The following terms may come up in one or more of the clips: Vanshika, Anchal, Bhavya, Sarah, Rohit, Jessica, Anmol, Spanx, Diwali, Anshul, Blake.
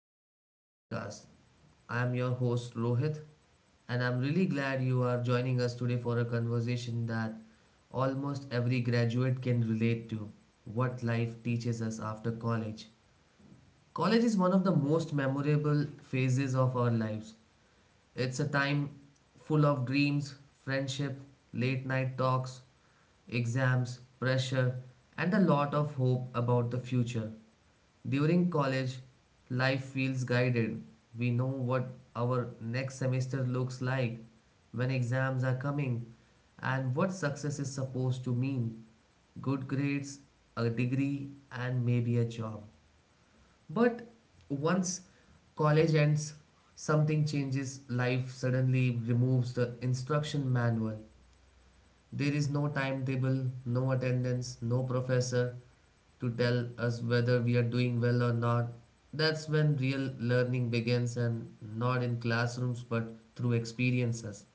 to the podcast. I am your host, Rohit, and I'm really glad you are joining us today for a conversation that almost every graduate can relate to: what life teaches us after college. College is one of the most memorable phases of our lives. It's a time full of dreams, friendship, late night talks, exams, pressure, and a lot of hope about the future. During college, life feels guided. We know what our next semester looks like, when exams are coming, and what success is supposed to mean: good grades, a degree, and maybe a job. But once college ends, something changes. Life suddenly removes the instruction manual. There is no timetable, no attendance, no professor to tell us whether we are doing well or not. That's when real learning begins, and not in classrooms but through experiences.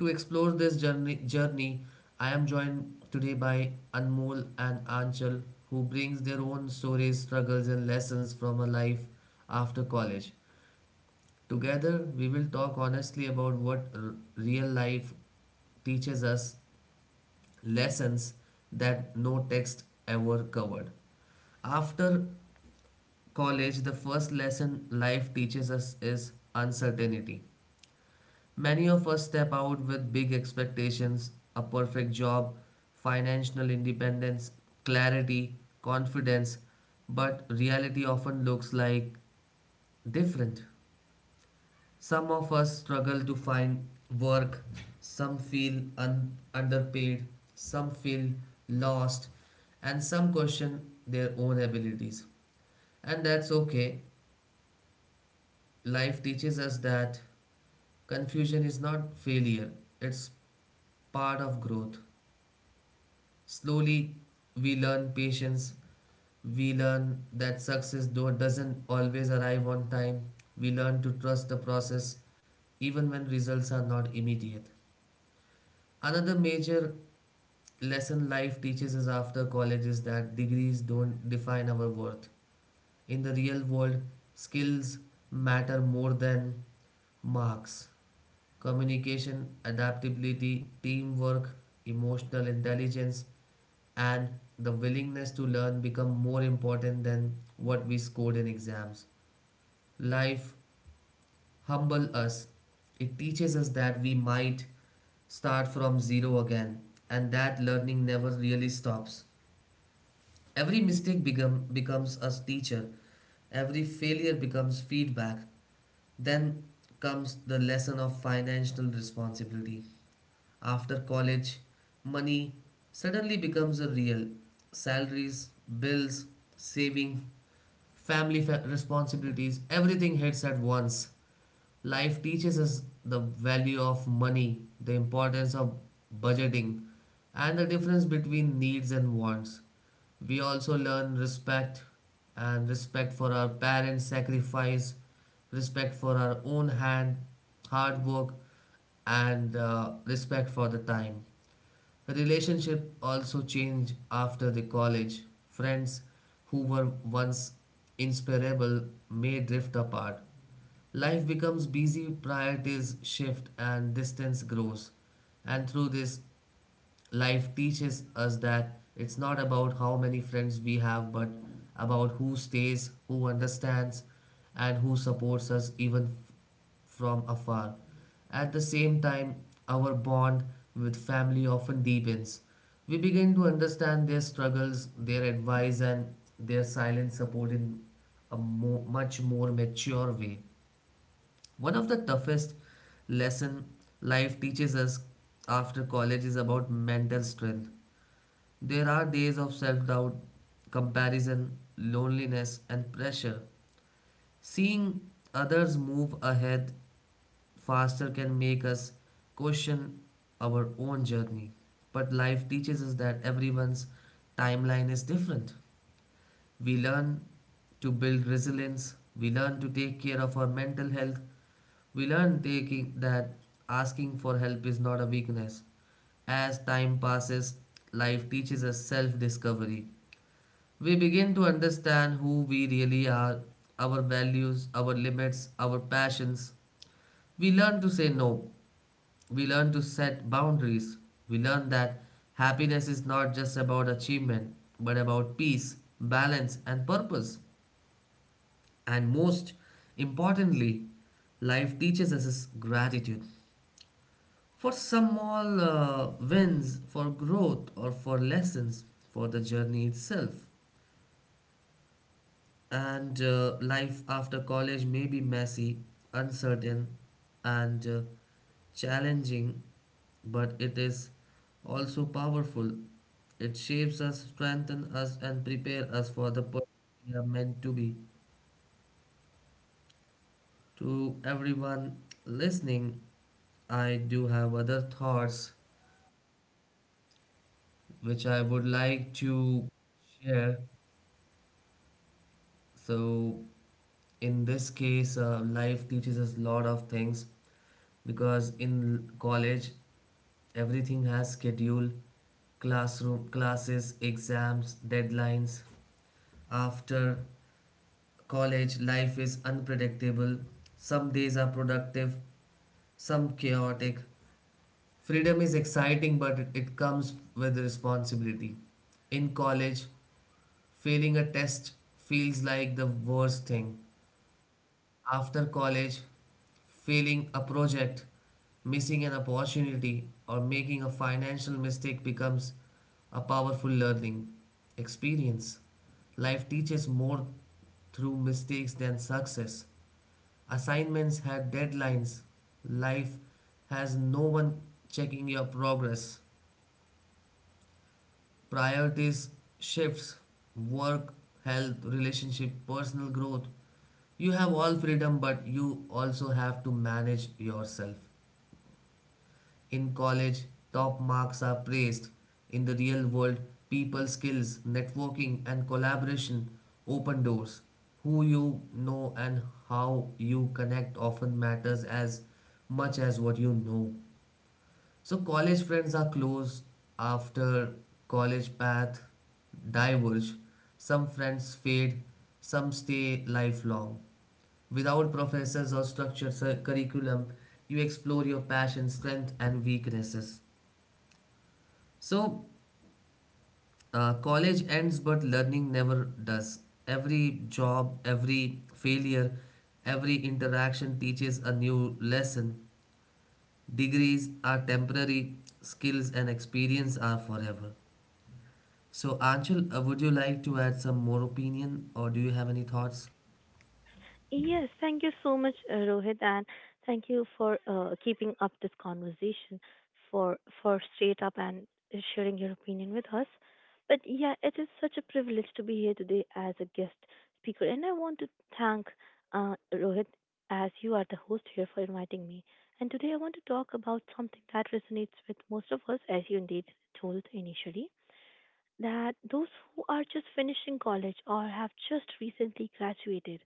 To explore this journey, I am joined today by Anmol and Anchal, who brings their own stories, struggles and lessons from a life after college. Together we will talk honestly about what real life teaches us, lessons that no text ever covered. After college, the first lesson life teaches us is uncertainty. Many of us step out with big expectations: a perfect job, financial independence, clarity, confidence, but reality often looks like different. Some of us struggle to find work, some feel underpaid, some feel lost, and some question their own abilities. And that's okay. Life teaches us that confusion is not failure, it's part of growth. Slowly, we learn patience, we learn that success though doesn't always arrive on time, we learn to trust the process even when results are not immediate. Another major lesson life teaches us after college is that degrees don't define our worth. In the real world, skills matter more than marks. Communication, adaptability, teamwork, emotional intelligence, and the willingness to learn become more important than what we scored in exams. Life humble us. It teaches us that we might start from zero again and that learning never really stops. Every mistake becomes a teacher, every failure becomes feedback. Then comes the lesson of financial responsibility. After college, money suddenly becomes a real: salaries, bills, saving, family responsibilities, everything hits at once. Life teaches us the value of money, the importance of budgeting, and the difference between needs and wants. We also learn respect, and respect for our parents' sacrifice, respect for our own hard work, and respect for the time. Relationship also change after the college. Friends who were once inseparable may drift apart. Life becomes busy, priorities shift, and distance grows. And through this, life teaches us that it's not about how many friends we have, but about who stays, who understands, and who supports us even from afar. At the same time, our bond with family often deepens. We begin to understand their struggles, their advice, and their silent support in a much more mature way. One of the toughest lesson life teaches us after college is about mental strength. There are days of self doubt, comparison, loneliness, and pressure. Seeing others move ahead faster can make us question our own journey. But life teaches us that everyone's timeline is different. We learn to build resilience, we learn to take care of our mental health, we learn taking that asking for help is not a weakness. As time passes, life teaches us self discovery. We begin to understand who we really are, our values, our limits, our passions. We learn to say no. We learn to set boundaries. We learn that happiness is not just about achievement, but about peace, balance, and purpose. And most importantly, life teaches us gratitude for small wins, for growth, or for lessons, for the journey itself. And Life after college may be messy, uncertain, and challenging, but it is also powerful. It shapes us, strengthens us, and prepares us for the person we are meant to be. To everyone listening, I do have other thoughts which I would like to share. So, in this case, life teaches us a lot of things, because in college everything has schedule, classroom classes, exams, deadlines. After college life is unpredictable, some days are productive, some chaotic. Freedom is exciting, but it comes with responsibility. In college, failing a test feels like the worst thing. After college, failing a project, missing an opportunity, or making a financial mistake becomes a powerful learning experience. Life teaches more through mistakes than success. Assignments had deadlines. Life has no one checking your progress. Priorities shifts: work, health, relationship, personal growth. You have all freedom, but you also have to manage yourself. In college, top marks are praised. In the real world, people skills, networking and collaboration open doors. Who you know and how you connect often matters as much as what you know. So college friends are close, after college path diverge. Some friends fade, some stay lifelong. Without professors or structured curriculum, you explore your passion, strength, and weaknesses. So college ends, but learning never does. Every job, every failure, every interaction teaches a new lesson. Degrees are temporary, skills and experience are forever. So, Anshul, would you like to add some more opinion or do you have any thoughts? Yes, thank you so much, Rohit, and thank you for keeping up this conversation, for straight up and sharing your opinion with us. But yeah, it is such a privilege to be here today as a guest speaker, and I want to thank Rohit, as you are the host here, for inviting me. And today I want to talk about something that resonates with most of us, as you indeed told initially, that those who are just finishing college or have just recently graduated,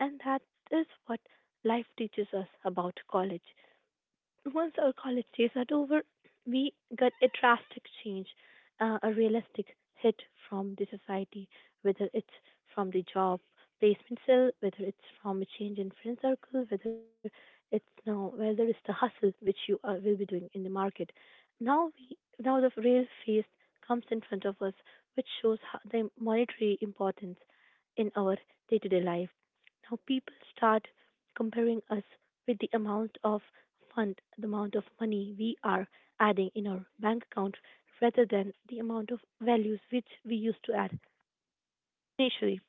and that is what life teaches us about college. Once our college days are over, we got a drastic change, a realistic hit from the society, whether it's from the job placement cell, whether it's from a change in friend circle, whether it's the hustle which you will be doing in the market. Now we now the real face comes in front of us, which shows how the monetary importance in our day-to-day life. Now people start comparing us with the amount of money we are adding in our bank account rather than the amount of values which we used to add initially.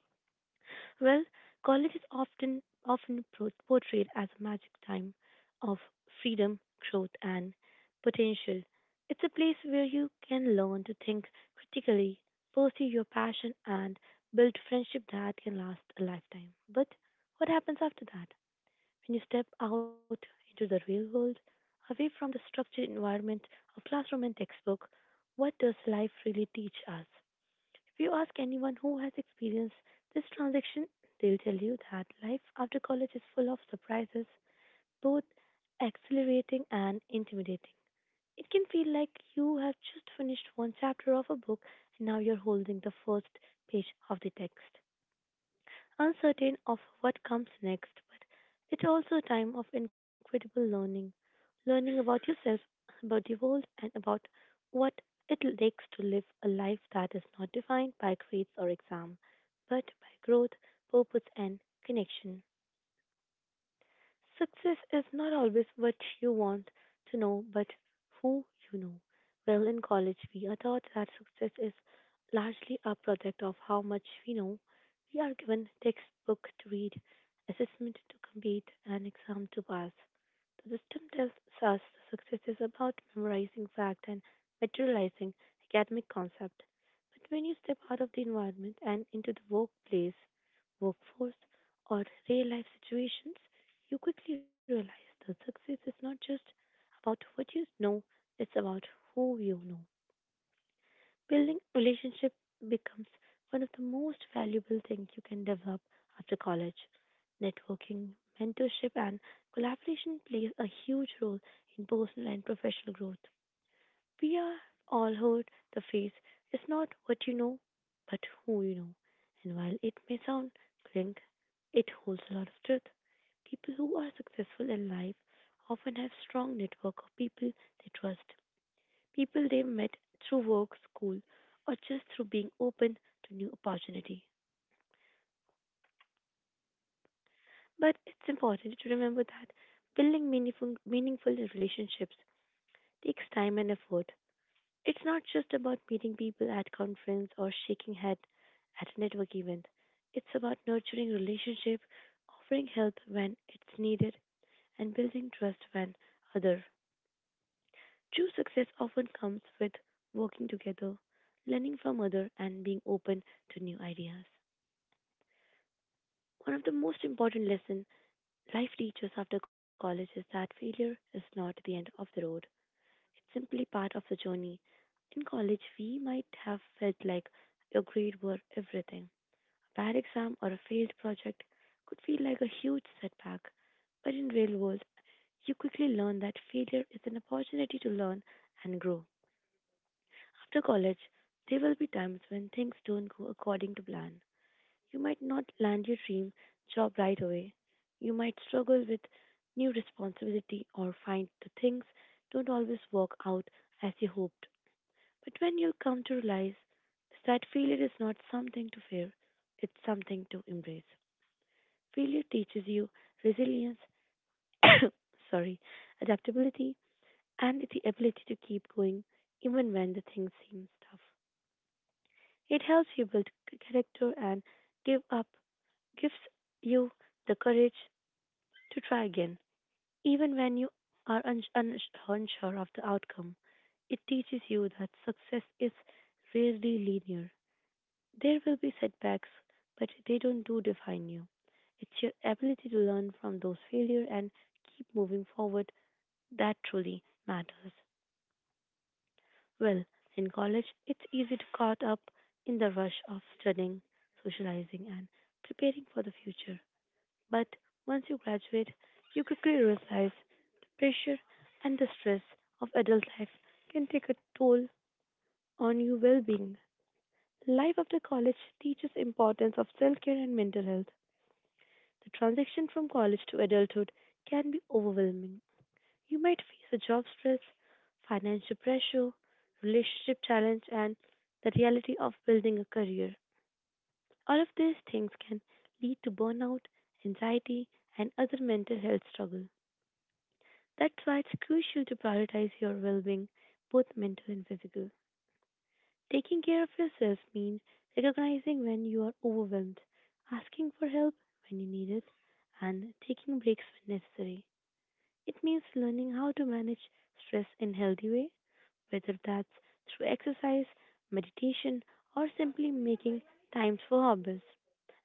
Well, college is often portrayed as a magic time of freedom, growth, and potential. It's a place where you can learn to think critically, pursue your passion, and build friendship that can last a lifetime. But what happens after that? When you step out into the real world, away from the structured environment of classroom and textbook, what does life really teach us? If you ask anyone who has experienced this transition, they'll tell you that life after college is full of surprises, both exhilarating and intimidating. It can feel like you have just finished one chapter of a book and now you're holding the first page of the text, uncertain of what comes next, but it's also a time of incredible learning. Learning about yourself, about the world, and about what it takes to live a life that is not defined by grades or exam, but by growth, purpose, and connection. Success is not always what you want to know, but who you know. Well, in college, we are taught that success is largely a product of how much we know. We are given textbook to read, assessment to complete, and exam to pass. The system tells us that success is about memorizing fact and materializing academic concept. But when you step out of the environment and into workforce, or real life situations, you quickly realize that success is not just about what you know, it's about who you know. Building relationship becomes one of the most valuable things you can develop after college. Networking, mentorship and collaboration plays a huge role in personal and professional growth. We are all heard the phrase, it's not what you know, but who you know. And while it may sound clink, it holds a lot of truth. People who are successful in life often have strong network of people they trust, people they've met through work, school, or just through being open to new opportunity. But it's important to remember that building meaningful relationships takes time and effort. It's not just about meeting people at conference or shaking hand at a network event. It's about nurturing relationship, offering help when it's needed, and building trust when other. True success often comes with working together, learning from other, and being open to new ideas. One of the most important lessons life teaches after college is that failure is not the end of the road. It's simply part of the journey. In college, we might have felt like your grade were everything. A bad exam or a failed project could feel like a huge setback. But in real world, you quickly learn that failure is an opportunity to learn and grow. After college, there will be times when things don't go according to plan. You might not land your dream job right away. You might struggle with new responsibility or find the things don't always work out as you hoped. But when you come to realize is that failure is not something to fear, it's something to embrace. Failure teaches you resilience, sorry, adaptability, and the ability to keep going even when the thing seems tough. It helps you build character and give up, gives you the courage to try again, even when you are unsure of the outcome. It teaches you that success is rarely linear. There will be setbacks, but they don't do define you. It's your ability to learn from those failures and keep moving forward that truly matters. Well, in college, it's easy to caught up in the rush of studying, socializing, and preparing for the future. But once you graduate, you quickly realize the pressure and the stress of adult life can take a toll on your well-being. Life after college teaches importance of self-care and mental health. The transition from college to adulthood can be overwhelming. You might face a job stress, financial pressure, relationship challenge, and the reality of building a career. All of these things can lead to burnout, anxiety, and other mental health struggles. That's why it's crucial to prioritize your well being, both mental and physical. Taking care of yourself means recognizing when you are overwhelmed, asking for help when you need it, and taking breaks when necessary. It means learning how to manage stress in healthy way, whether that's through exercise, meditation, or simply making times for hobbies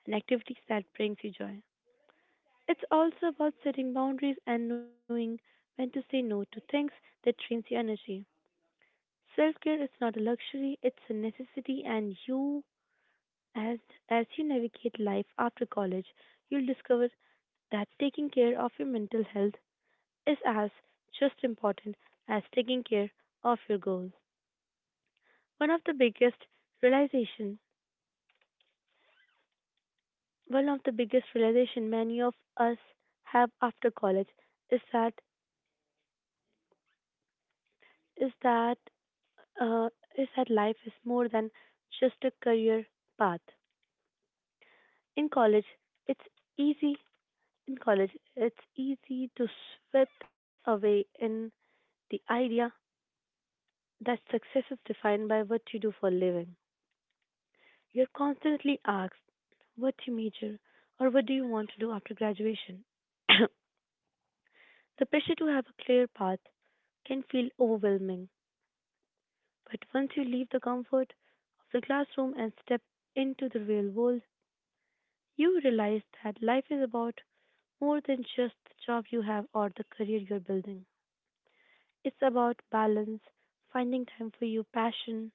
and activities that brings you joy. It's also about setting boundaries and knowing when to say no to things that drains your energy. Self-care is not a luxury, it's a necessity, and you as as you navigate life after college, you'll discover that taking care of your mental health is as just important as taking care of your goals. One of the biggest realization, one of the biggest realization many of us have after college is that is that uh, is that life is more than just a career path. In college, it's easy in college, it's easy to slip away in the idea that success is defined by what you do for a living. You're constantly asked, what you major or what do you want to do after graduation? The pressure to have a clear path can feel overwhelming, but once you leave the comfort of the classroom and step into the real world, you realize that life is about more than just the job you have or the career you're building. It's about balance, finding time for your passion,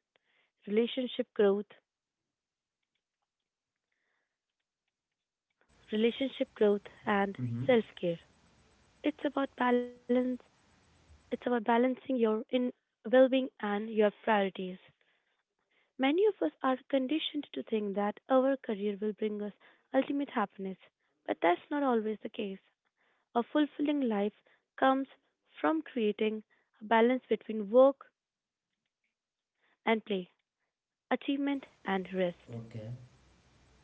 relationship growth, relationship growth and Mm-hmm. self-care. It's about balance It's about balancing your in well-being and your priorities. Many of us are conditioned to think that our career will bring us ultimate happiness, but that's not always the case. A fulfilling life comes from creating a balance between work and play, achievement and rest. Okay,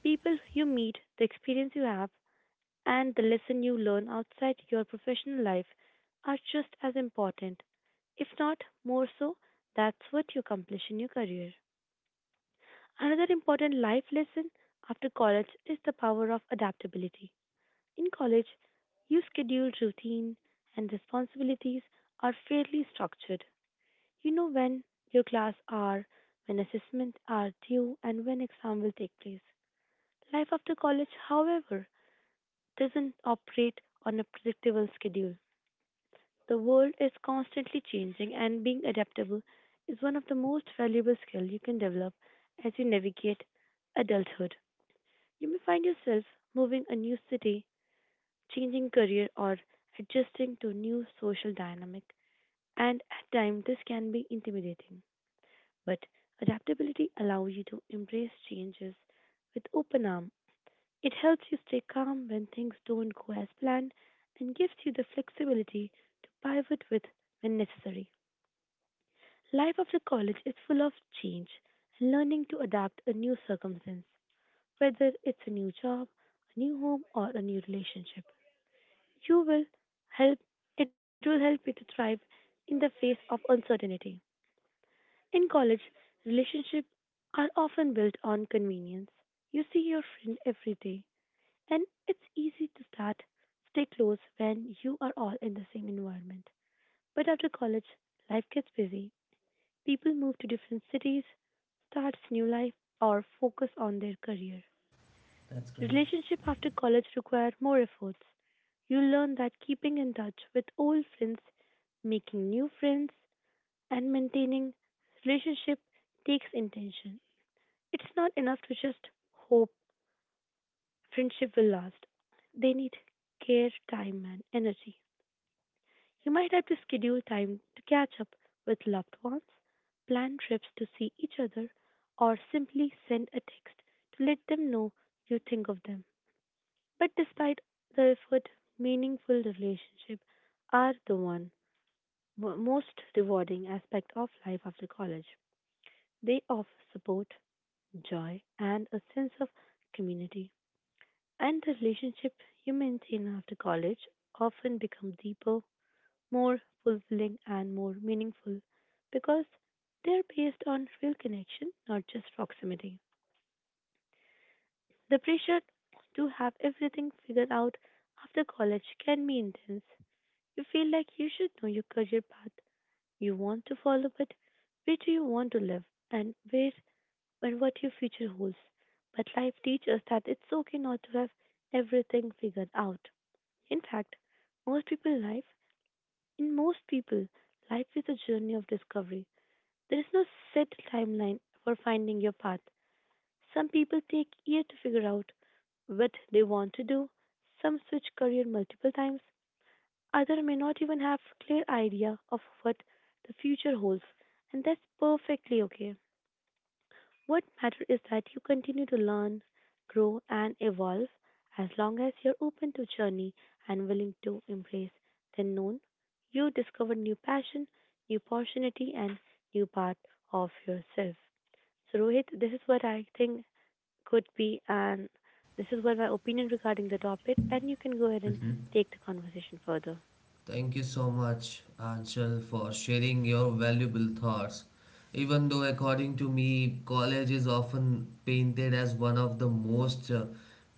People you meet, the experience you have, and the lesson you learn outside your professional life are just as important, if not more so. That's what you accomplish in your career. Another important life lesson after college is the power of adaptability. In college, your scheduled routine and responsibilities are fairly structured. You know when your class are, when assessments are due, and when exam will take place. Life after college, however, doesn't operate on a predictable schedule. The world is constantly changing, and being adaptable is one of the most valuable skills you can develop as you navigate adulthood. You may find yourself moving a new city, changing career, or adjusting to new social dynamic, and at times this can be intimidating. But adaptability allows you to embrace changes with open arm. It helps you stay calm when things don't go as planned and gives you the flexibility to pivot with when necessary. Life after college is full of change, learning to adapt a new circumstance, whether it's a new job, a new home, or a new relationship. You will help it will help you to thrive in the face of uncertainty. In college, relationships are often built on convenience. You see your friend every day, and it's easy to start stay close when you are all in the same environment. But after college, life gets busy. People move to different cities, starts new life, or focus on their career. that's great. Relationship after college require more efforts. You learn that keeping in touch with old friends, making new friends, and maintaining relationship takes intention. It's not enough to just hope friendship will last. They need care, time, and energy. You might have to schedule time to catch up with loved ones, plan trips to see each other, or simply send a text to let them know you think of them. But despite the effort, meaningful relationships are the one most rewarding aspect of life after college. They offer support, joy, and a sense of community. And the relationship you maintain after college often become deeper, more fulfilling and more meaningful because they're based on real connection, not just proximity. The pressure to have everything figured out after college can be intense. You feel like you should know your career path you want to follow, but where do you want to live and where and what your future holds. But life teaches us that it's okay not to have everything figured out. In fact, most people life in most people life is a journey of discovery. There is no set timeline for finding your path. Some people take years to figure out what they want to do. Some switch career multiple times. Others may not even have clear idea of what the future holds, and that's perfectly okay. What matters is that you continue to learn, grow, and evolve as long as you're open to journey and willing to embrace the known. You discover new passion, new opportunity, and new part of yourself. So, Rohit, this is what I think could be, and this is what my opinion regarding the topic, and you can go ahead and take the conversation further. Thank you so much, Anshul, for sharing your valuable thoughts. Even though, according to me, college is often painted as one of the most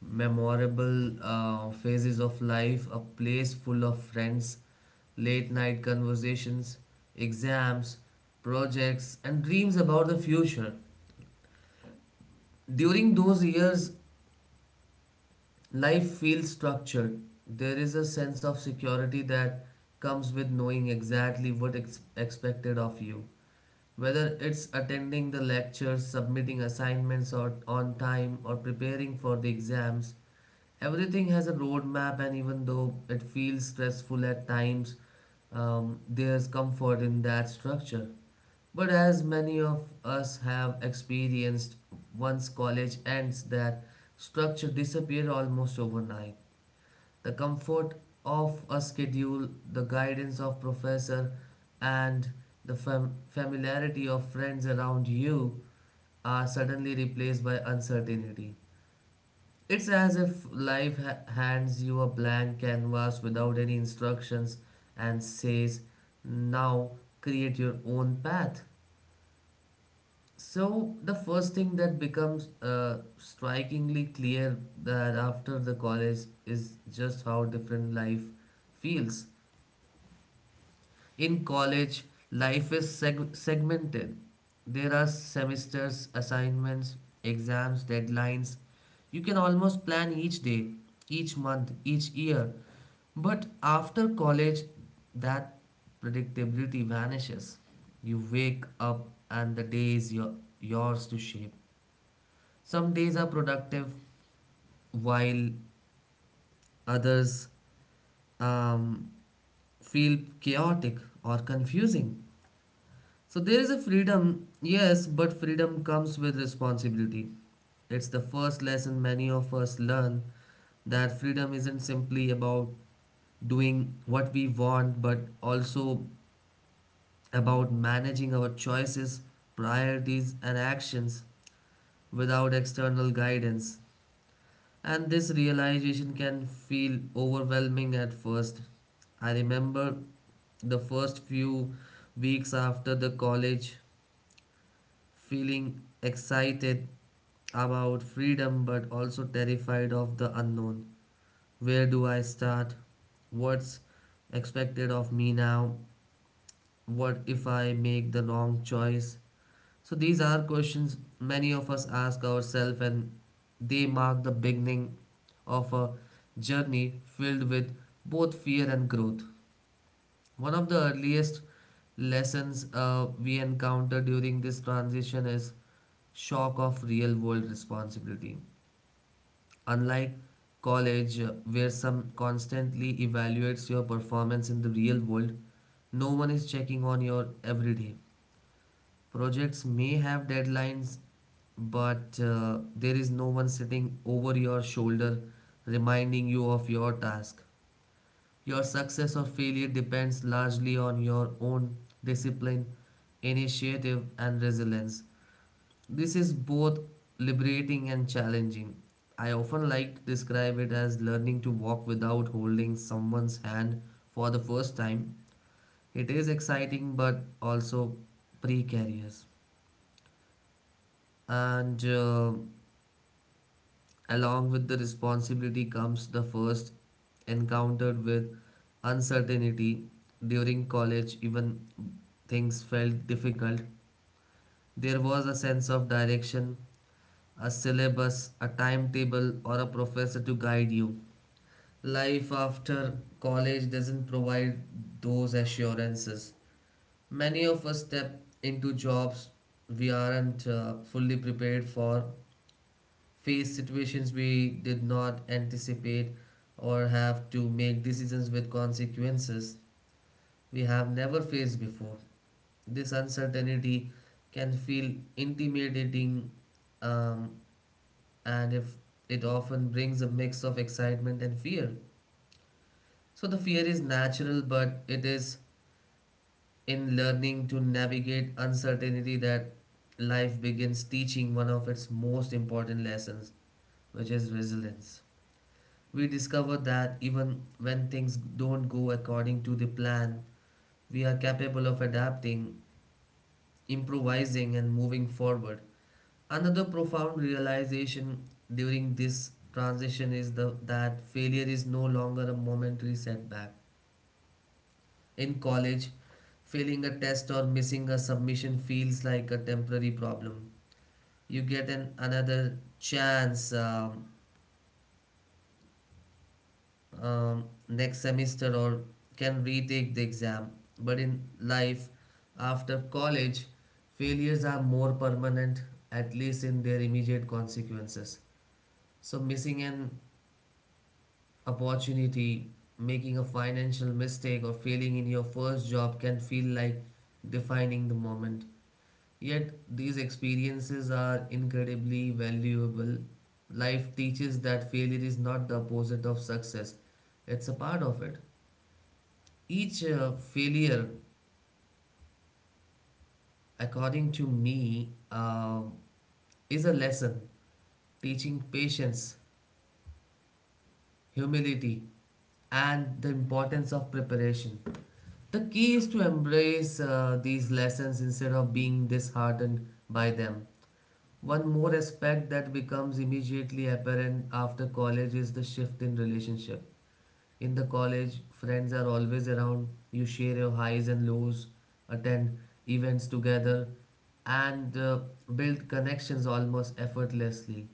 memorable phases of life, a place full of friends, late night conversations, exams, projects, and dreams about the future. During those years, life feels structured. There is a sense of security that comes with knowing exactly what is expected of you. Whether it's attending the lectures, submitting assignments or on time, or preparing for the exams, everything has a roadmap, and even though it feels stressful at times, there's comfort in that structure. But as many of us have experienced, once college ends, that structure disappears almost overnight. The comfort of a schedule, the guidance of professor, and the familiarity of friends around you are suddenly replaced by uncertainty. It's as if life hands you a blank canvas without any instructions and says, now create your own path. So, the first thing that becomes strikingly clear that after the college is just how different life feels. In college, life is segmented. There are semesters, assignments, exams, deadlines. You can almost plan each day, each month, each year. But after college, that predictability vanishes. You wake up and the day is yours to shape. Some days are productive, while others um, feel chaotic or confusing. So there is a freedom, yes, but freedom comes with responsibility. It's the first lesson many of us learn, that freedom isn't simply about doing what we want, but also about managing our choices, priorities, and actions without external guidance. And this realization can feel overwhelming at first. I remember the first few weeks after the college feeling excited about freedom but also terrified of the unknown. Where do I start? What's expected of me now? What if I make the wrong choice? So, these are questions many of us ask ourselves, and they mark the beginning of a journey filled with both fear and growth. One of the earliest lessons we encounter during this transition is shock of real world responsibility. Unlike college, where some constantly evaluates your performance, in the real world, no one is checking on your everyday. Projects may have deadlines, but there is no one sitting over your shoulder reminding you of your task. Your success or failure depends largely on your own discipline, initiative, and resilience. This is both liberating and challenging. I often like to describe it as learning to walk without holding someone's hand for the first time. It is exciting but also precarious. And along with the responsibility comes the first encountered with uncertainty. During college, even things felt difficult. There was a sense of direction, a syllabus, a timetable, or a professor to guide you. Life after college doesn't provide those assurances. Many of us step into jobs we aren't fully prepared for, face situations we did not anticipate, or have to make decisions with consequences we have never faced before. This uncertainty can feel intimidating, um, and if it often brings a mix of excitement and fear. So the fear is natural, but it is in learning to navigate uncertainty that life begins teaching one of its most important lessons, which is resilience. We discover that even when things don't go according to the plan, we are capable of adapting, improvising, and moving forward. Another profound realization during this transition is that failure is no longer a momentary setback. In college, failing a test or missing a submission feels like a temporary problem. You get an another chance. Next semester or can retake the exam. But in life, after college, failures are more permanent, at least in their immediate consequences. So, missing an opportunity, making a financial mistake, or failing in your first job can feel like defining the moment. Yet, these experiences are incredibly valuable. Life teaches that failure is not the opposite of success, it's a part of it. Each failure, according to me, is a lesson teaching patience, humility, and the importance of preparation. The key is to embrace these lessons instead of being disheartened by them. One more aspect that becomes immediately apparent after college is the shift in relationship. In the college, friends are always around, you share your highs and lows, attend events together, and build connections almost effortlessly.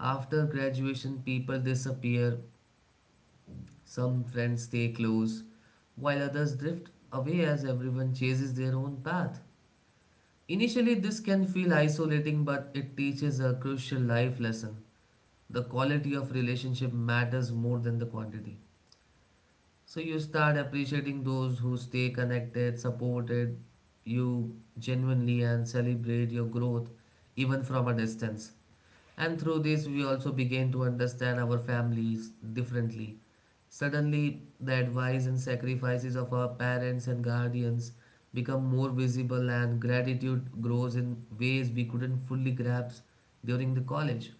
After graduation, people disappear, some friends stay close, while others drift away as everyone chases their own path. Initially, this can feel isolating, but it teaches a crucial life lesson. The quality of relationship matters more than the quantity. So you start appreciating those who stay connected, supported you genuinely, and celebrate your growth even from a distance. And through this, we also begin to understand our families differently. Suddenly, the advice and sacrifices of our parents and guardians become more visible, and gratitude grows in ways we couldn't fully grasp during the college.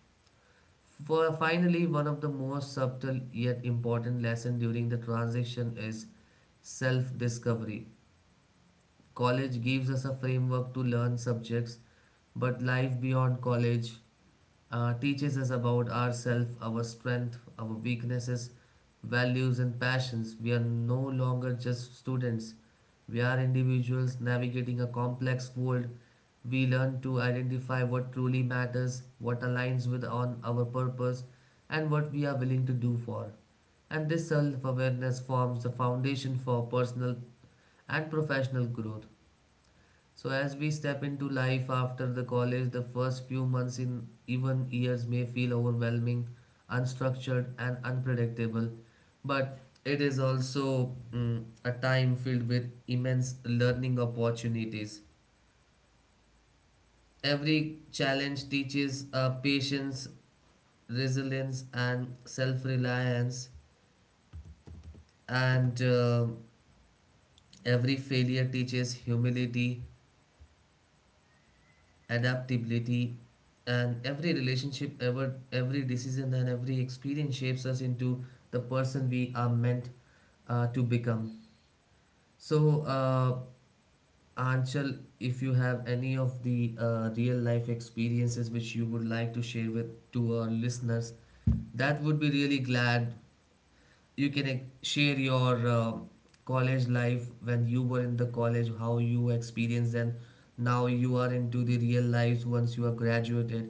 For finally, one of the most subtle yet important lesson during the transition is self-discovery. College gives us a framework to learn subjects, but life beyond college teaches us about ourselves, our strength, our weaknesses, values, and passions. We are no longer just students, we are individuals navigating a complex world. We learn to identify what truly matters, what aligns with on our purpose, and what we are willing to do for. And this self awareness forms the foundation for personal and professional growth. So, as we step into life after the college, the first few months in even years may feel overwhelming, unstructured, and unpredictable. But it is also a time filled with immense learning opportunities. Every challenge teaches patience, resilience, and self reliance, and every failure teaches humility adaptability and every relationship every decision and every experience shapes us into the person we are meant to become. So, Anshul, if you have any of the real life experiences which you would like to share with to our listeners, that would be really glad. You can, like, share your college life when you were in the college, how you experienced, and now you are into the real lives once you are graduated,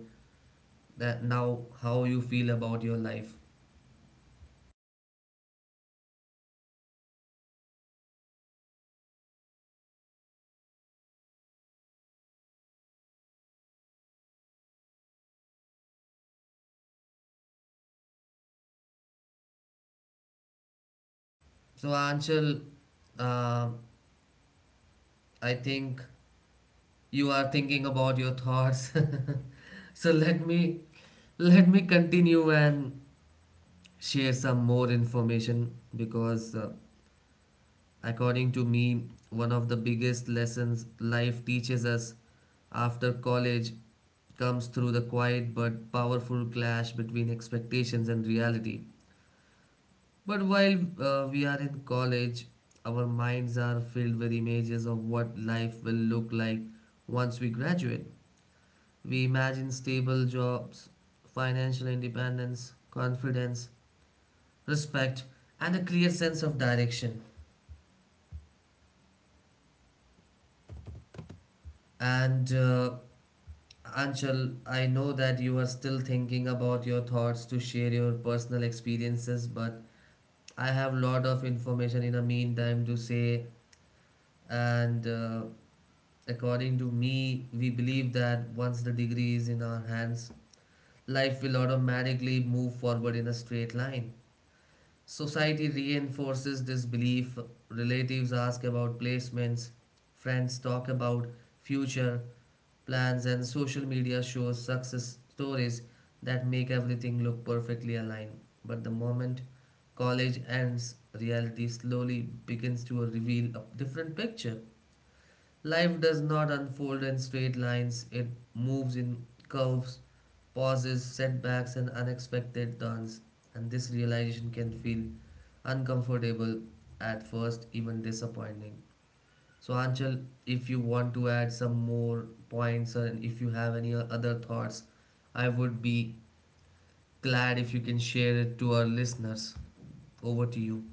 that now how you feel about your life. So, anshul, uh, I think you are thinking about your thoughts. So let me continue and share some more information, because according to me, one of the biggest lessons life teaches us after college comes through the quiet but powerful clash between expectations and reality. But while we are in college, our minds are filled with images of what life will look like once we graduate. We imagine stable jobs, financial independence, confidence, respect, and a clear sense of direction. And Anchal, I know that you are still thinking about your thoughts to share your personal experiences, but I have lot of information in the meantime to say. And according to me, we believe that once the degree is in our hands, life will automatically move forward in a straight line. Society reinforces this belief. Relatives ask about placements, friends talk about future plans, and social media shows success stories that make everything look perfectly aligned. But the moment college ends, reality slowly begins to reveal a different picture. Life does not unfold in straight lines, it moves in curves, pauses, setbacks, and unexpected turns. And this realization can feel uncomfortable at first, even disappointing. So, Anchal, if you want to add some more points or if you have any other thoughts, I would be glad if you can share it to our listeners. Over to you.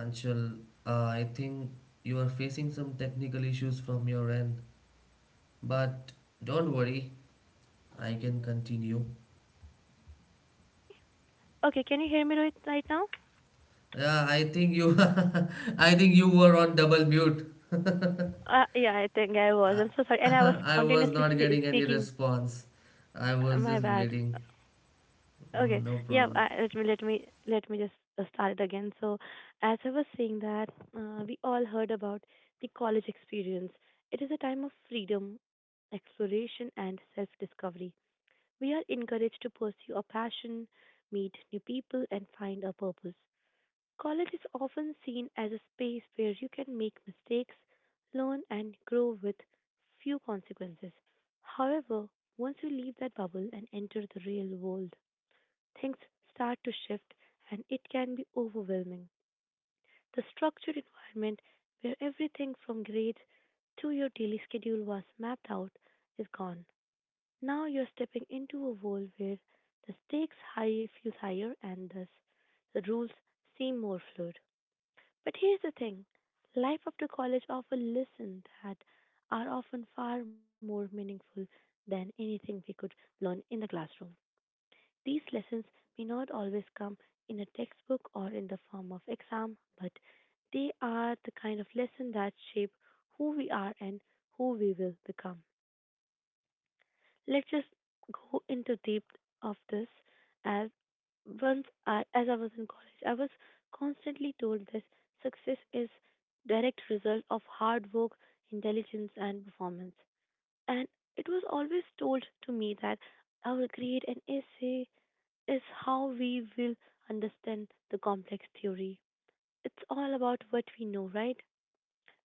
Anchal, I think you are facing some technical issues from your end. But don't worry, I can continue. Okay, can you hear me right, right now? Yeah, I think you I think you were on double mute. Yeah, I think I was. I, I'm so sorry. And I was I was continuously not getting any speaking. response. I Uh, was my just bad. waiting. Mm, Okay. no Yeah. I, problem. let me let me let me just start it again. So, as I was saying that we all heard about the college experience. It is a time of freedom, exploration, and self-discovery. We are encouraged to pursue a passion, meet new people, and find a purpose. College is often seen as a space where you can make mistakes, learn, and grow with few consequences. However, once you leave that bubble and enter the real world, things start to shift and it can be overwhelming. The structured environment where everything from grades to your daily schedule was mapped out is gone. Now you're stepping into a world where the stakes high feel higher and thus the rules seem more fluid. But here's the thing, life after college offers lessons that are often far more meaningful than anything we could learn in the classroom. These lessons may not always come in a textbook or in the form of exam, but they are the kind of lesson that shape who we are and who we will become. Let's just go into deep of this. As once I as I was in college, I was constantly told this success is direct result of hard work, intelligence and performance. And it was always told to me that our grade and essay is how we will understand the complex theory. It's all about what we know, right?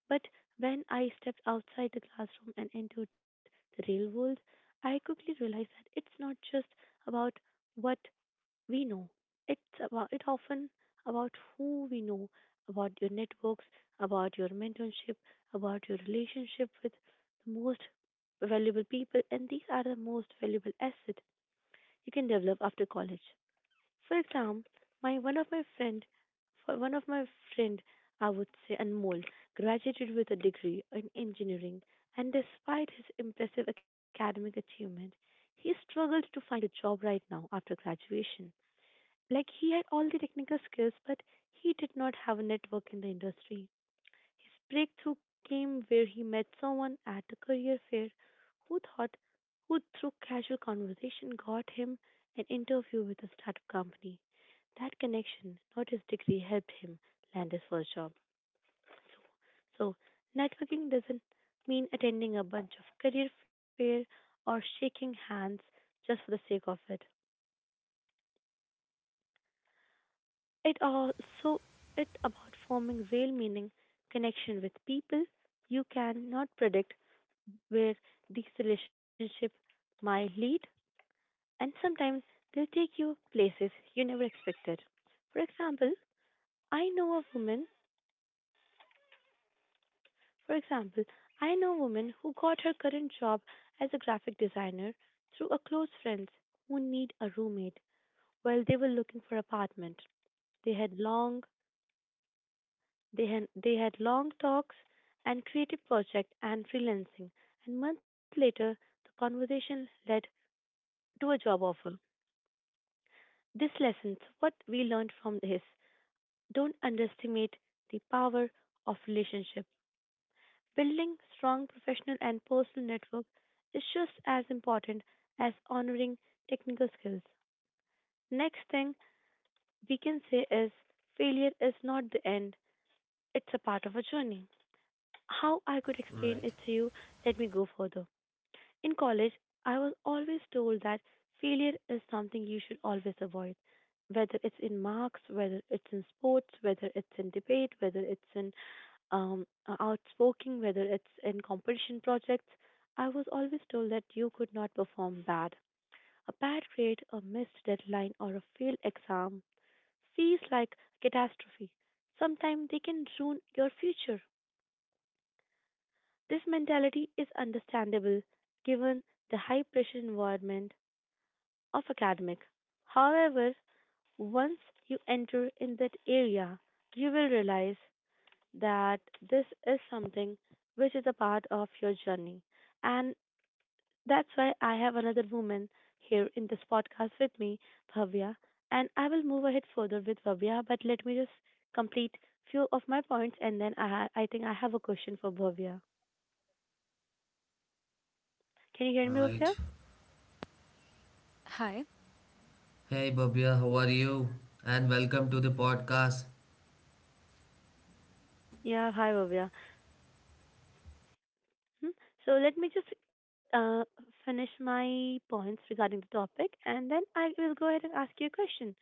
But when I stepped outside the classroom and into the real world, I quickly realized that it's not just about what we know. It often about who we know, about your networks, about your mentorship, about your relationship with the most valuable people, and these are the most valuable asset you can develop after college. For example, my one of my friend, for one of my friend, I would say Anmol, graduated with a degree in engineering, and despite his impressive academic achievement, he struggled to find a job right now after graduation. Like he had all the technical skills, but he did not have a network in the industry. His breakthrough came where he met someone at a career fair who thought who through casual conversation got him an interview with a startup company. That connection, not his degree, helped him land his first job. So, so networking doesn't mean attending a bunch of career fair or shaking hands just for the sake of it. It also it about forming real meaning connection with people. You cannot predict where these relationships might lead, and sometimes they take you places you never expected. For example, I know a woman, for example, I know a woman who got her current job as a graphic designer through a close friend who need a roommate while they were looking for apartment. They had long they had long talks and creative project and freelancing and month later the conversation led to a job offer. This lessons, what we learned from his, don't underestimate the power of relationship. Building strong professional and personal network is just as important as honoring technical skills. Next thing we can say is failure is not the end, it's a part of a journey. How I could explain Right. it to you, let me go further. In college, I was always told that failure is something you should always avoid, whether it's in marks, whether it's in sports, whether it's in debate, whether it's in outspoken, whether it's in competition projects. I was always told that you could not perform bad. A bad grade, a missed deadline, or a failed exam feels like a catastrophe. Sometimes they can ruin your future. This mentality is understandable given the high pressure environment of academic. However, once you enter in that area, you will realize that this is something which is a part of your journey. And that's why I have another woman here in this podcast with me, Bhavya. And I will move ahead further with Bhavya, but let me just complete few of my points and then I think I have a question for Bhavya. Can you hear All me, right. Bhavya? Hi. Hey Babia, how are you? And welcome to the podcast. Yeah, hi, Bhavya. Hmm. So let me just uh, finish my points regarding the topic and then I will go ahead and ask you a question.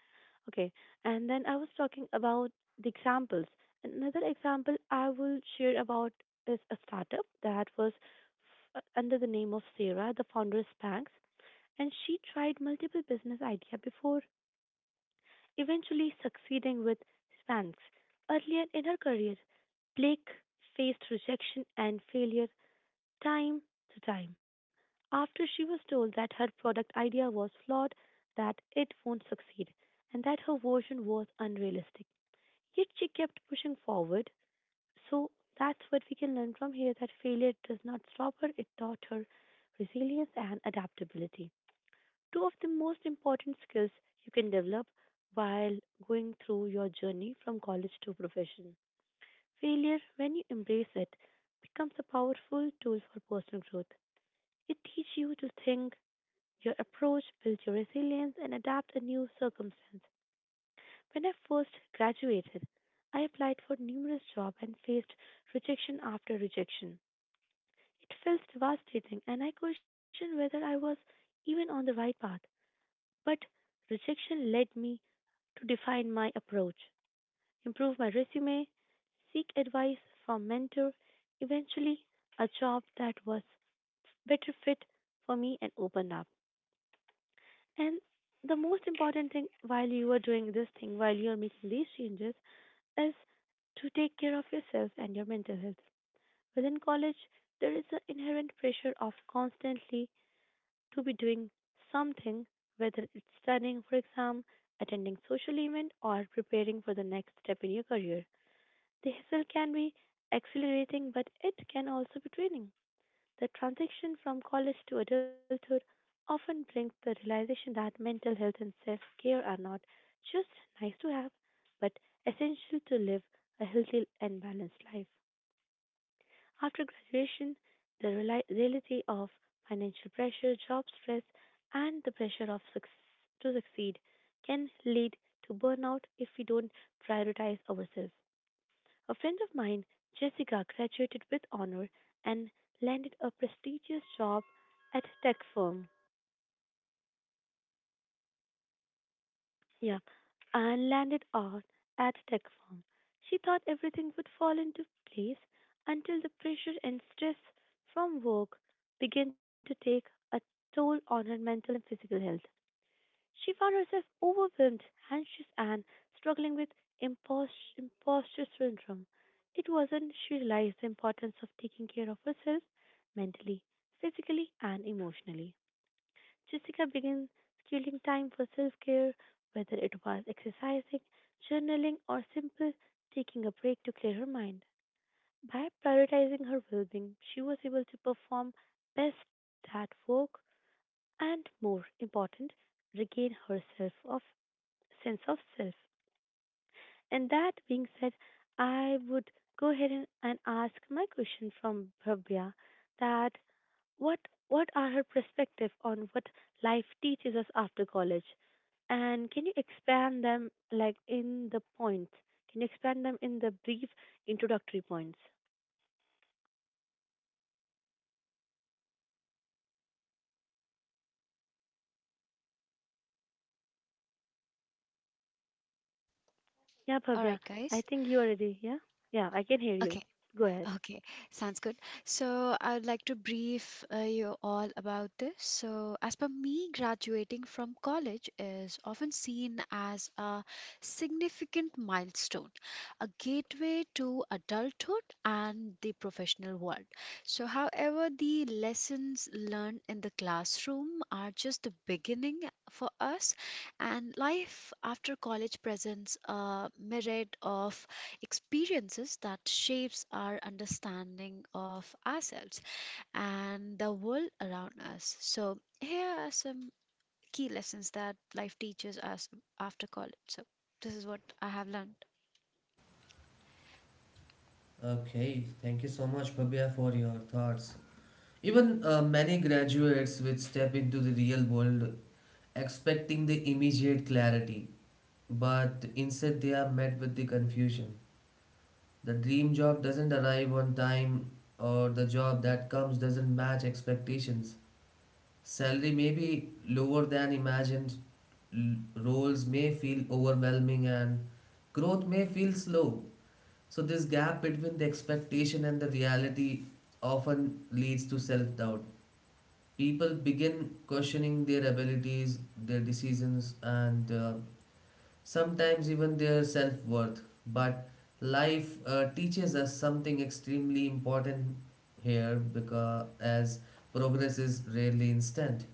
Okay. And then I was talking about the examples. Another example I will share about is a startup that was under the name of Sarah, the founder is Spanx, and she tried multiple business idea before eventually succeeding with Spanx. Earlier in her career, Blake faced rejection and failure time to time after she was told that her product idea was flawed, that it won't succeed, and that her version was unrealistic. Yet she kept pushing forward. So that's what we can learn from here, that failure does not stop her, it taught her resilience and adaptability. Two of the most important skills you can develop while going through your journey from college to profession. Failure, when you embrace it, becomes a powerful tool for personal growth. It teaches you to think, your approach builds your resilience and adapt a new circumstance. When I first graduated, I applied for numerous jobs and faced rejection after rejection. It felt devastating and I questioned whether I was even on the right path. But rejection led me to define my approach, improve my resume, seek advice from mentor, eventually a job that was better fit for me and opened up. And the most important thing while you are doing this thing, while you are making these changes, is to take care of yourself and your mental health. Within college, there is an inherent pressure of constantly to be doing something, whether it's studying for exam, attending social event, or preparing for the next step in your career. The hustle can be accelerating, but it can also be draining. The transition from college to adulthood often brings the realization that mental health and self care are not just nice to have, but essential to live a healthy and balanced life. After graduation, the reality of financial pressure, job stress, and the pressure to succeed can lead to burnout if we don't prioritize ourselves. A friend of mine, Jessica, graduated with honor and landed a prestigious job at tech firm. Yeah, and landed out at tech firm. She thought everything would fall into place until the pressure and stress from work began to take a toll on her mental and physical health. She found herself overwhelmed, anxious, and struggling with imposter syndrome. It wasn't she realized the importance of taking care of herself mentally, physically, and emotionally. Jessica began scheduling time for self care, whether it was exercising, journaling, or simple taking a break to clear her mind. By prioritizing her well being, she was able to perform best at work and, more important, regain her self sense of self. And that being said, I would go ahead and ask my question from Bhavya that what what are her perspective on what life teaches us after college? And can you expand them like in the points? Can you expand them in the brief introductory points? Yeah, All right, Bhavya, I guys. think you are ready. Yeah, yeah, I can hear you. Okay. Go ahead. Okay. Sounds good. So, I would like to brief you all about this. So, as per me, graduating from college is often seen as a significant milestone, a gateway to adulthood and the professional world. So, however, the lessons learned in the classroom are just the beginning for us, and life after college presents a myriad of experiences that shapes our understanding of ourselves and the world around us. So here are some key lessons that life teaches us after college. So this is what I have learned. Okay, thank you so much, Pabia, for your thoughts. Even many graduates which step into the real world expecting the immediate clarity, but instead they are met with the confusion. The dream job doesn't arrive on time, or the job that comes doesn't match expectations. Salary may be lower than imagined, l- roles may feel overwhelming, and growth may feel slow. So, this gap between the expectation and the reality often leads to self doubt. People begin questioning their abilities, their decisions, and sometimes even their self worth. But life teaches us something extremely important here because as progress is rarely instant.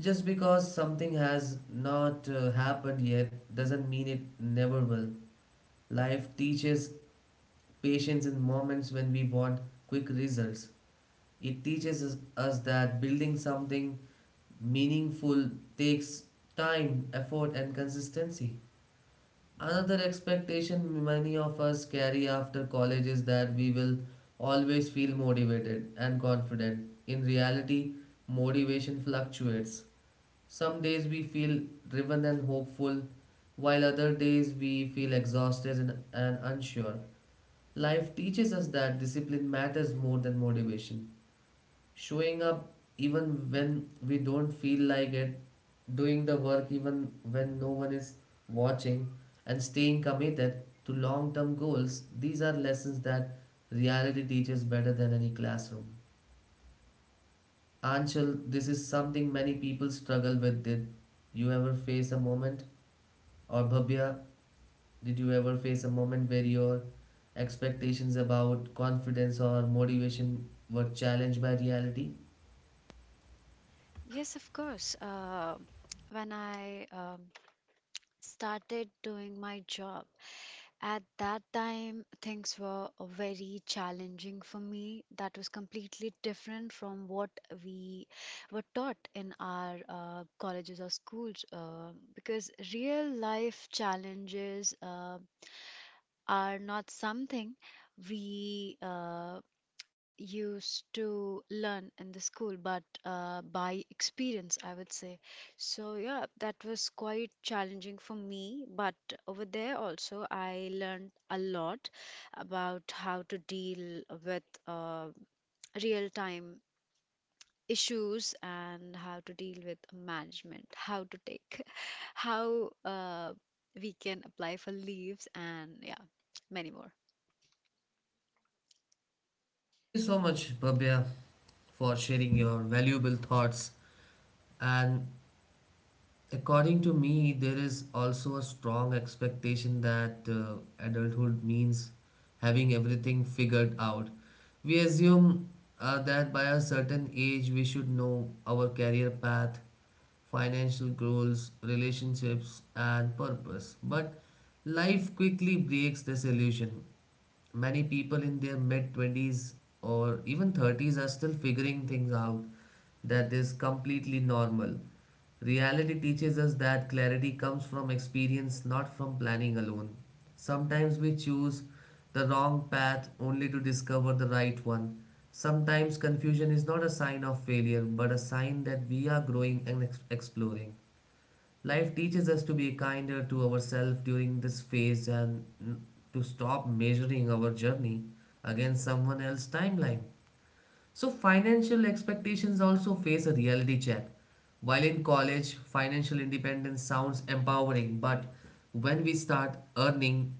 Just because something has not happened yet doesn't mean it never will. Life teaches patience in moments when we want quick results. It teaches us that building something meaningful takes time, effort, and consistency. Another expectation many of us carry after college is that we will always feel motivated and confident. In reality, motivation fluctuates. Some days we feel driven and hopeful, while other days we feel exhausted and unsure. Life teaches us that discipline matters more than motivation. Showing up even when we don't feel like it, doing the work even when no one is watching, and staying committed to long term goals, these are lessons that reality teaches better than any classroom. Anshul, this is something many people struggle with. Did you ever face a moment? Or Bhavya, did you ever face a moment where your expectations about confidence or motivation were challenged by reality? Yes, of course. When I started doing my job. At that time, things were very challenging for me. That was completely different from what we were taught in our colleges or schools, because real life challenges are not something we used to learn in the school, but by experience, I would say. So, yeah, that was quite challenging for me. But over there also, I learned a lot about how to deal with real time issues and how to deal with management, how to take, how we can apply for leaves, and yeah, many more. Thank you so much, Babya, for sharing your valuable thoughts. And according to me, there is also a strong expectation that adulthood means having everything figured out. We assume that by a certain age we should know our career path, financial goals, relationships, and purpose. But life quickly breaks this illusion. Many people in their mid 20s or even 30s are still figuring things out. That is completely normal. Reality teaches us that clarity comes from experience, not from planning alone. Sometimes we choose the wrong path only to discover the right one. Sometimes confusion is not a sign of failure but a sign that we are growing and exploring. Life teaches us to be kinder to ourselves during this phase and to stop measuring our journey against someone else's timeline. So, financial expectations also face a reality check. While in college, financial independence sounds empowering, but when we start earning,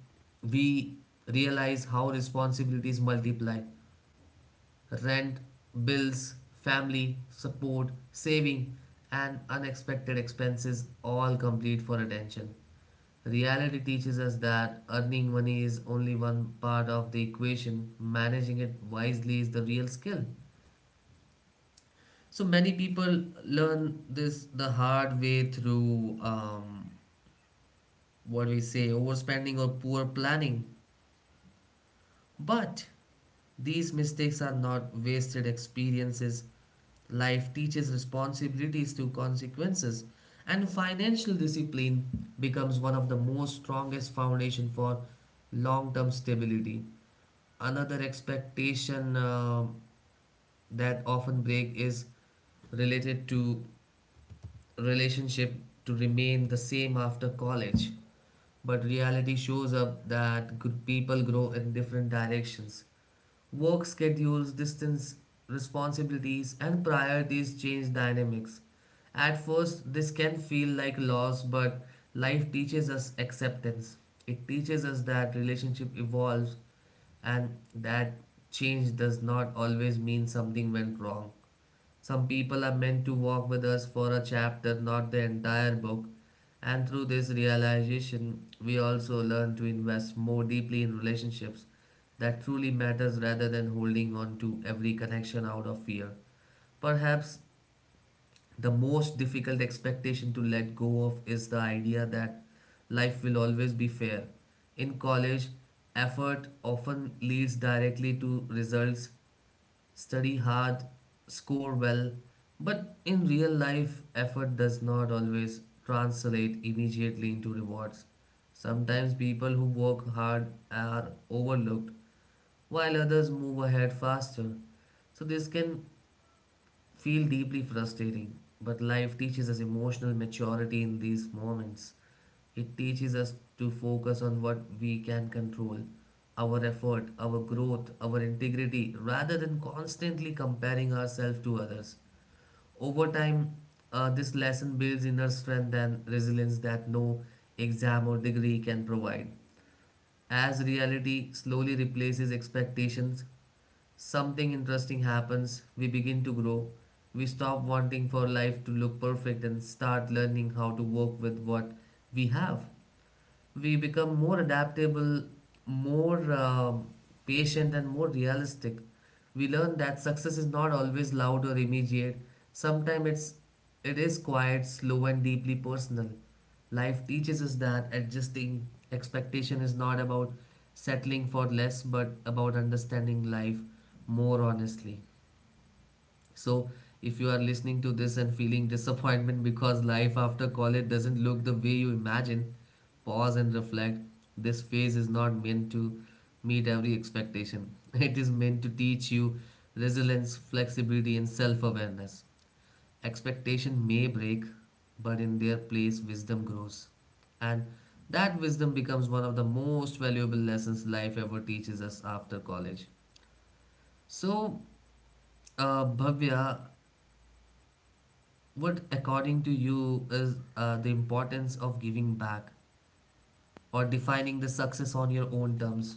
we realize how responsibilities multiply rent, bills, family, support, saving, and unexpected expenses all complete for attention. Reality teaches us that earning money is only one part of the equation, managing it wisely is the real skill. So many people learn this the hard way through what we say overspending or poor planning. But these mistakes are not wasted experiences. Life teaches responsibilities to consequences, and financial discipline becomes one of the most strongest foundation for long-term stability. Another expectation that often break is related to relationship to remain the same after college. But reality shows up that good people grow in different directions. Work schedules, distance, responsibilities, and priorities change dynamics. At first, this can feel like loss, but life teaches us acceptance. It teaches us that relationship evolves and that change does not always mean something went wrong. Some people are meant to walk with us for a chapter, not the entire book. And through this realization, we also learn to invest more deeply in relationships that truly matters rather than holding on to every connection out of fear. Perhaps the most difficult expectation to let go of is the idea that life will always be fair. In college, effort often leads directly to results. Study hard, score well, but in real life, effort does not always translate immediately into rewards. Sometimes people who work hard are overlooked while others move ahead faster. So, this can feel deeply frustrating, but life teaches us emotional maturity in these moments. It teaches us to focus on what we can control our effort, our growth, our integrity, rather than constantly comparing ourselves to others. Over time, this lesson builds inner strength and resilience that no exam or degree can provide. As reality slowly replaces expectations, something interesting happens, we begin to grow. We stop wanting for life to look perfect and start learning how to work with what we have. We become more adaptable, more patient, and more realistic. We learn that success is not always loud or immediate. Sometimes it is quiet, slow, and deeply personal. Life teaches us that adjusting expectation is not about settling for less, but about understanding life more honestly. So, if you are listening to this and feeling disappointment because life after college doesn't look the way you imagine, pause and reflect. This phase is not meant to meet every expectation, it is meant to teach you resilience, flexibility, and self awareness. Expectation may break, but in their place, wisdom grows. And that wisdom becomes one of the most valuable lessons life ever teaches us after college. So, Bhavya, what, according to you, is the importance of giving back or defining the success on your own terms?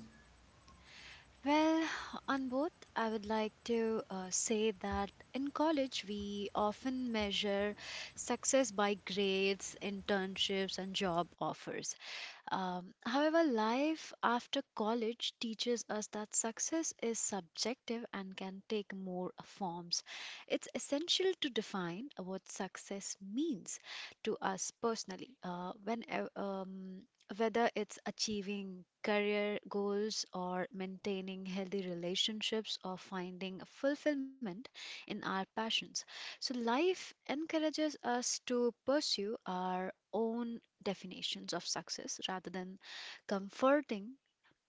Well, on both, I would like to say that in college, we often measure success by grades, internships, and job offers. However, life after college teaches us that success is subjective and can take more forms. It's essential to define what success means to us personally. Whether it's achieving career goals or maintaining healthy relationships or finding fulfillment in our passions. So, life encourages us to pursue our own definitions of success rather than comforting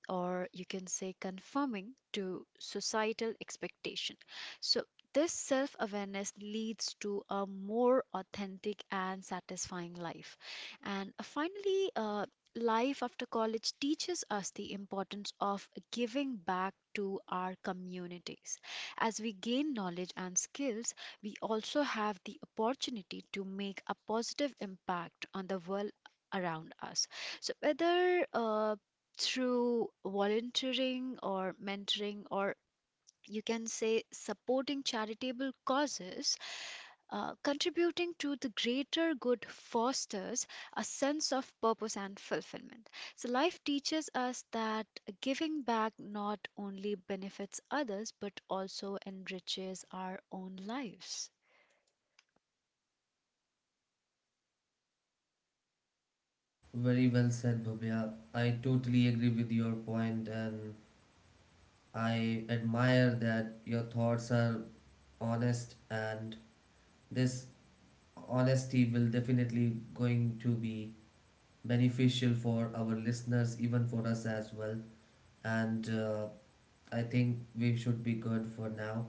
or you can say conforming to societal expectation. So, this self awareness leads to a more authentic and satisfying life. And finally, life after college teaches us the importance of giving back to our communities. As we gain knowledge and skills, we also have the opportunity to make a positive impact on the world around us. So, whether through volunteering or mentoring, or you can say supporting charitable causes, contributing to the greater good fosters a sense of purpose and fulfillment. So, life teaches us that giving back not only benefits others but also enriches our own lives. Very well said, Bhavya. I totally agree with your point, and I admire that your thoughts are honest and this honesty will definitely going to be beneficial for our listeners even for us as well, and I think we should be good for now,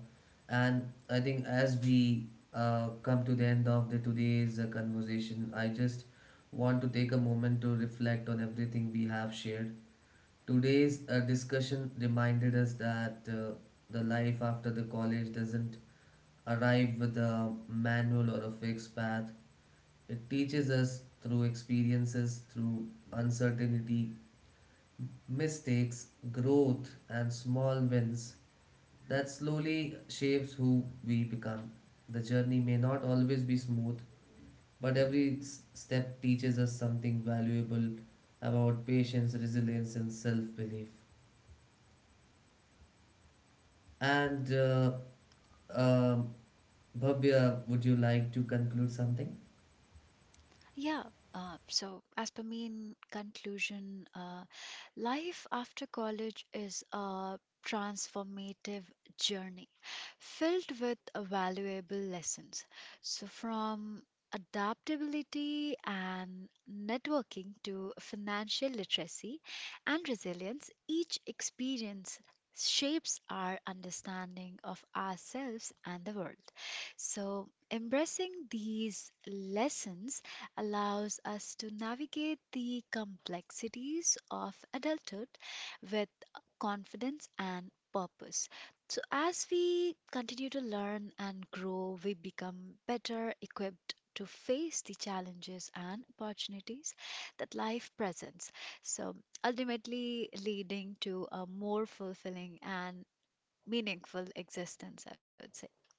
and I think as we come to the end of the today's conversation, I just want to take a moment to reflect on everything we have shared. Today's discussion reminded us that the life after the college doesn't arrive with a manual or a fixed path. It teaches us through experiences, through uncertainty, mistakes, growth, and small wins that slowly shapes who we become. The journey may not always be smooth, but every step teaches us something valuable about patience, resilience, and self belief. And um Bhavya, would you like to conclude something? Yeah, so as per me, in conclusion, life after college is a transformative journey filled with valuable lessons. So, from adaptability and networking to financial literacy and resilience, each experience shapes our understanding of ourselves and the world. So, embracing these lessons allows us to navigate the complexities of adulthood with confidence and purpose. So, as we continue to learn and grow, we become better equipped to face the challenges and opportunities that life presents. So, ultimately, leading to a more fulfilling and meaningful existence, I would say. So,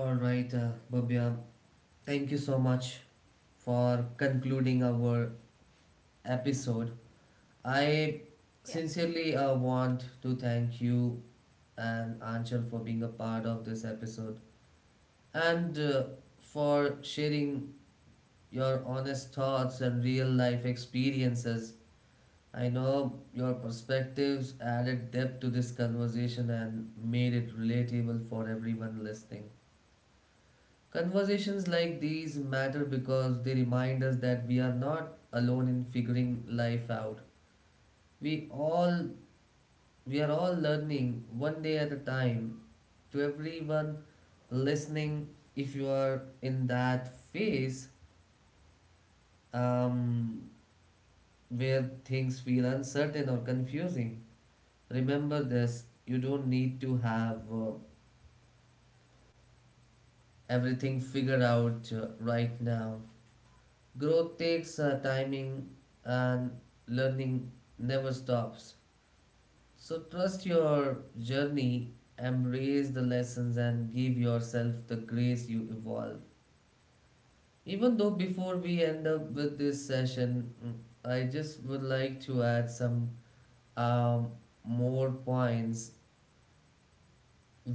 All right, Bhavya, thank you so much for concluding our episode. I yeah. sincerely want to thank you and Anchal for being a part of this episode and for sharing your honest thoughts and real life experiences. I know your perspectives added depth to this conversation and made it relatable for everyone listening. Conversations like these matter because they remind us that we are not alone in figuring life out. We all we are all learning one day at a time. To everyone listening, if you are in that phase um, where things feel uncertain or confusing, remember this: you don't need to have everything figured out right now. Growth takes timing and learning never stops. So trust your journey, embrace the lessons, and give yourself the grace you evolve. Even though before we end up with this session, I just would like to add some um, more points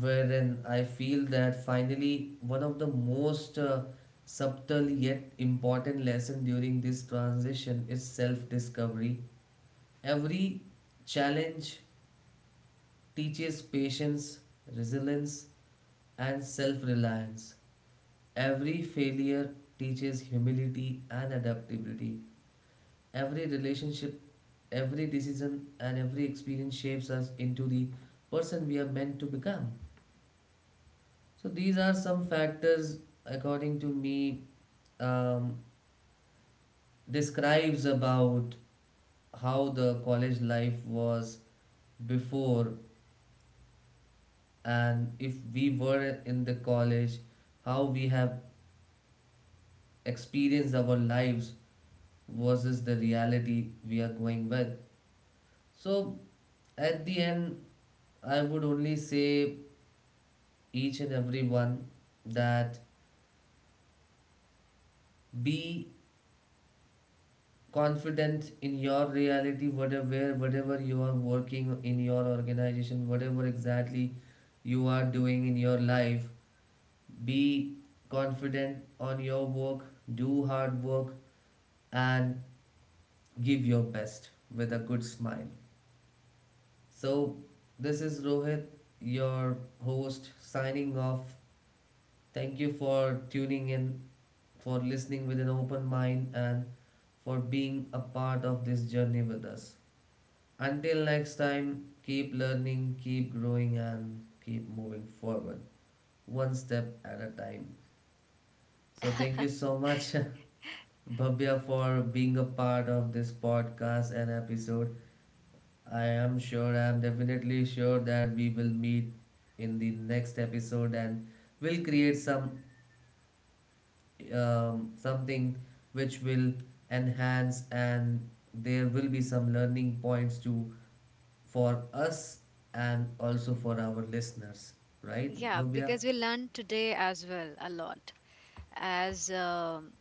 wherein I feel that finally one of the most subtle yet important lesson during this transition is self-discovery. Every challenge teaches patience, resilience, and self-reliance. Every failure teaches humility and adaptability. Every relationship, every decision, and every experience shapes us into the person we are meant to become. So these are some factors, according to me, um, describes about how the college life was before and if we were in the college, how we have experienced our lives versus the reality we are going with. So at the end, I would only say each and everyone that be confidence in your reality, whatever whatever you are working in your organization, whatever exactly you are doing in your life, be confident on your work, do hard work, and give your best with a good smile. So this is Rohit, your host, signing off. Thank you for tuning in, for listening with an open mind, and for being a part of this journey with us. Until next time, keep learning, keep growing, and keep moving forward one step at a time. So, thank Yeah. you so much, Bhavya, for being a part of this podcast and episode. I am definitely sure that we will meet in the next episode and will create some something which will enhance and there will be some learning points to for us and also for our listeners, right, Yeah, Bubya? because we learned today as well a lot, as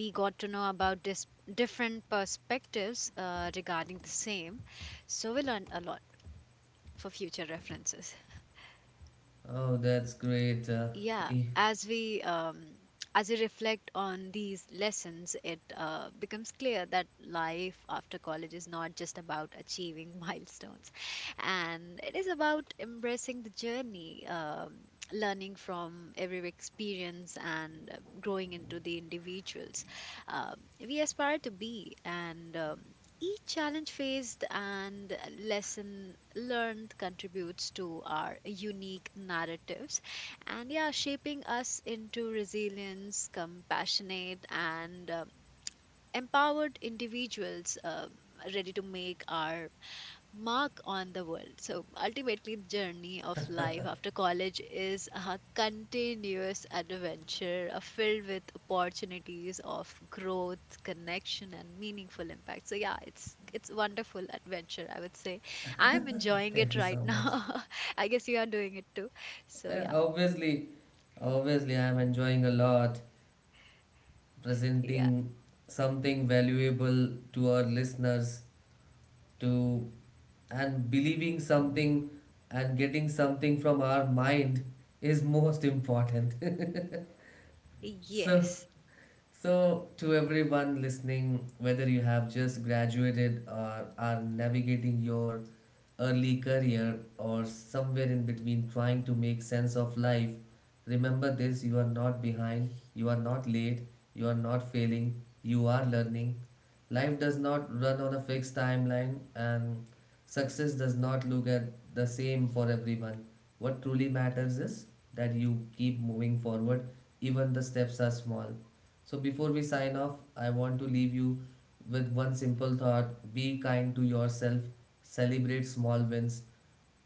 we got to know about different perspectives regarding the same. So we learned a lot for future references. Oh, that's great. Yeah, eh, as we reflect on these lessons, it becomes clear that life after college is not just about achieving milestones, and it is about embracing the journey, learning from every experience, and growing into the individuals um, we aspire to be. And each challenge faced and lesson learned contributes to our unique narratives and yeah, shaping us into resilience, compassionate, and empowered individuals ready to make our mark on the world. So ultimately, the journey of life after college is a continuous adventure filled with opportunities of growth, connection, and meaningful impact. So yeah, it's wonderful adventure, I would say. I'm enjoying it thank you right so much. now. I guess you are doing it too. So Eh, yeah, obviously, obviously, I'm enjoying a lot yeah. presenting something valuable to our listeners to and believing something and getting something from our mind is most important. so Yes. So, to everyone listening, whether you have just graduated or are navigating your early career or somewhere in between trying to make sense of life, remember this: you are not behind, you are not late, you are not failing, you are learning. Life does not run on a fixed timeline, and success does not look at the same for everyone. What truly matters is that you keep moving forward, even the steps are small. So before we sign off, I want to leave you with one simple thought: be kind to yourself, celebrate small wins,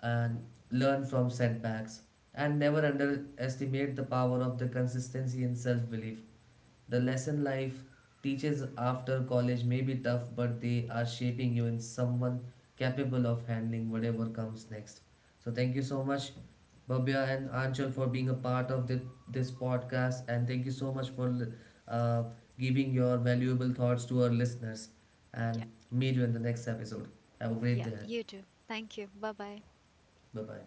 and learn from setbacks. And never underestimate the power of the consistency in self belief. The lesson life teaches after college may be tough, but they are shaping you in someone capable of handling whatever comes next. So thank you so much, Babya and Anchal, for being a part of this podcast, and thank you so much for uh, giving your valuable thoughts to our listeners. Yeah. And meet you in the next episode. Have a great Yeah. day. You too. Thank you. Bye bye. Bye bye.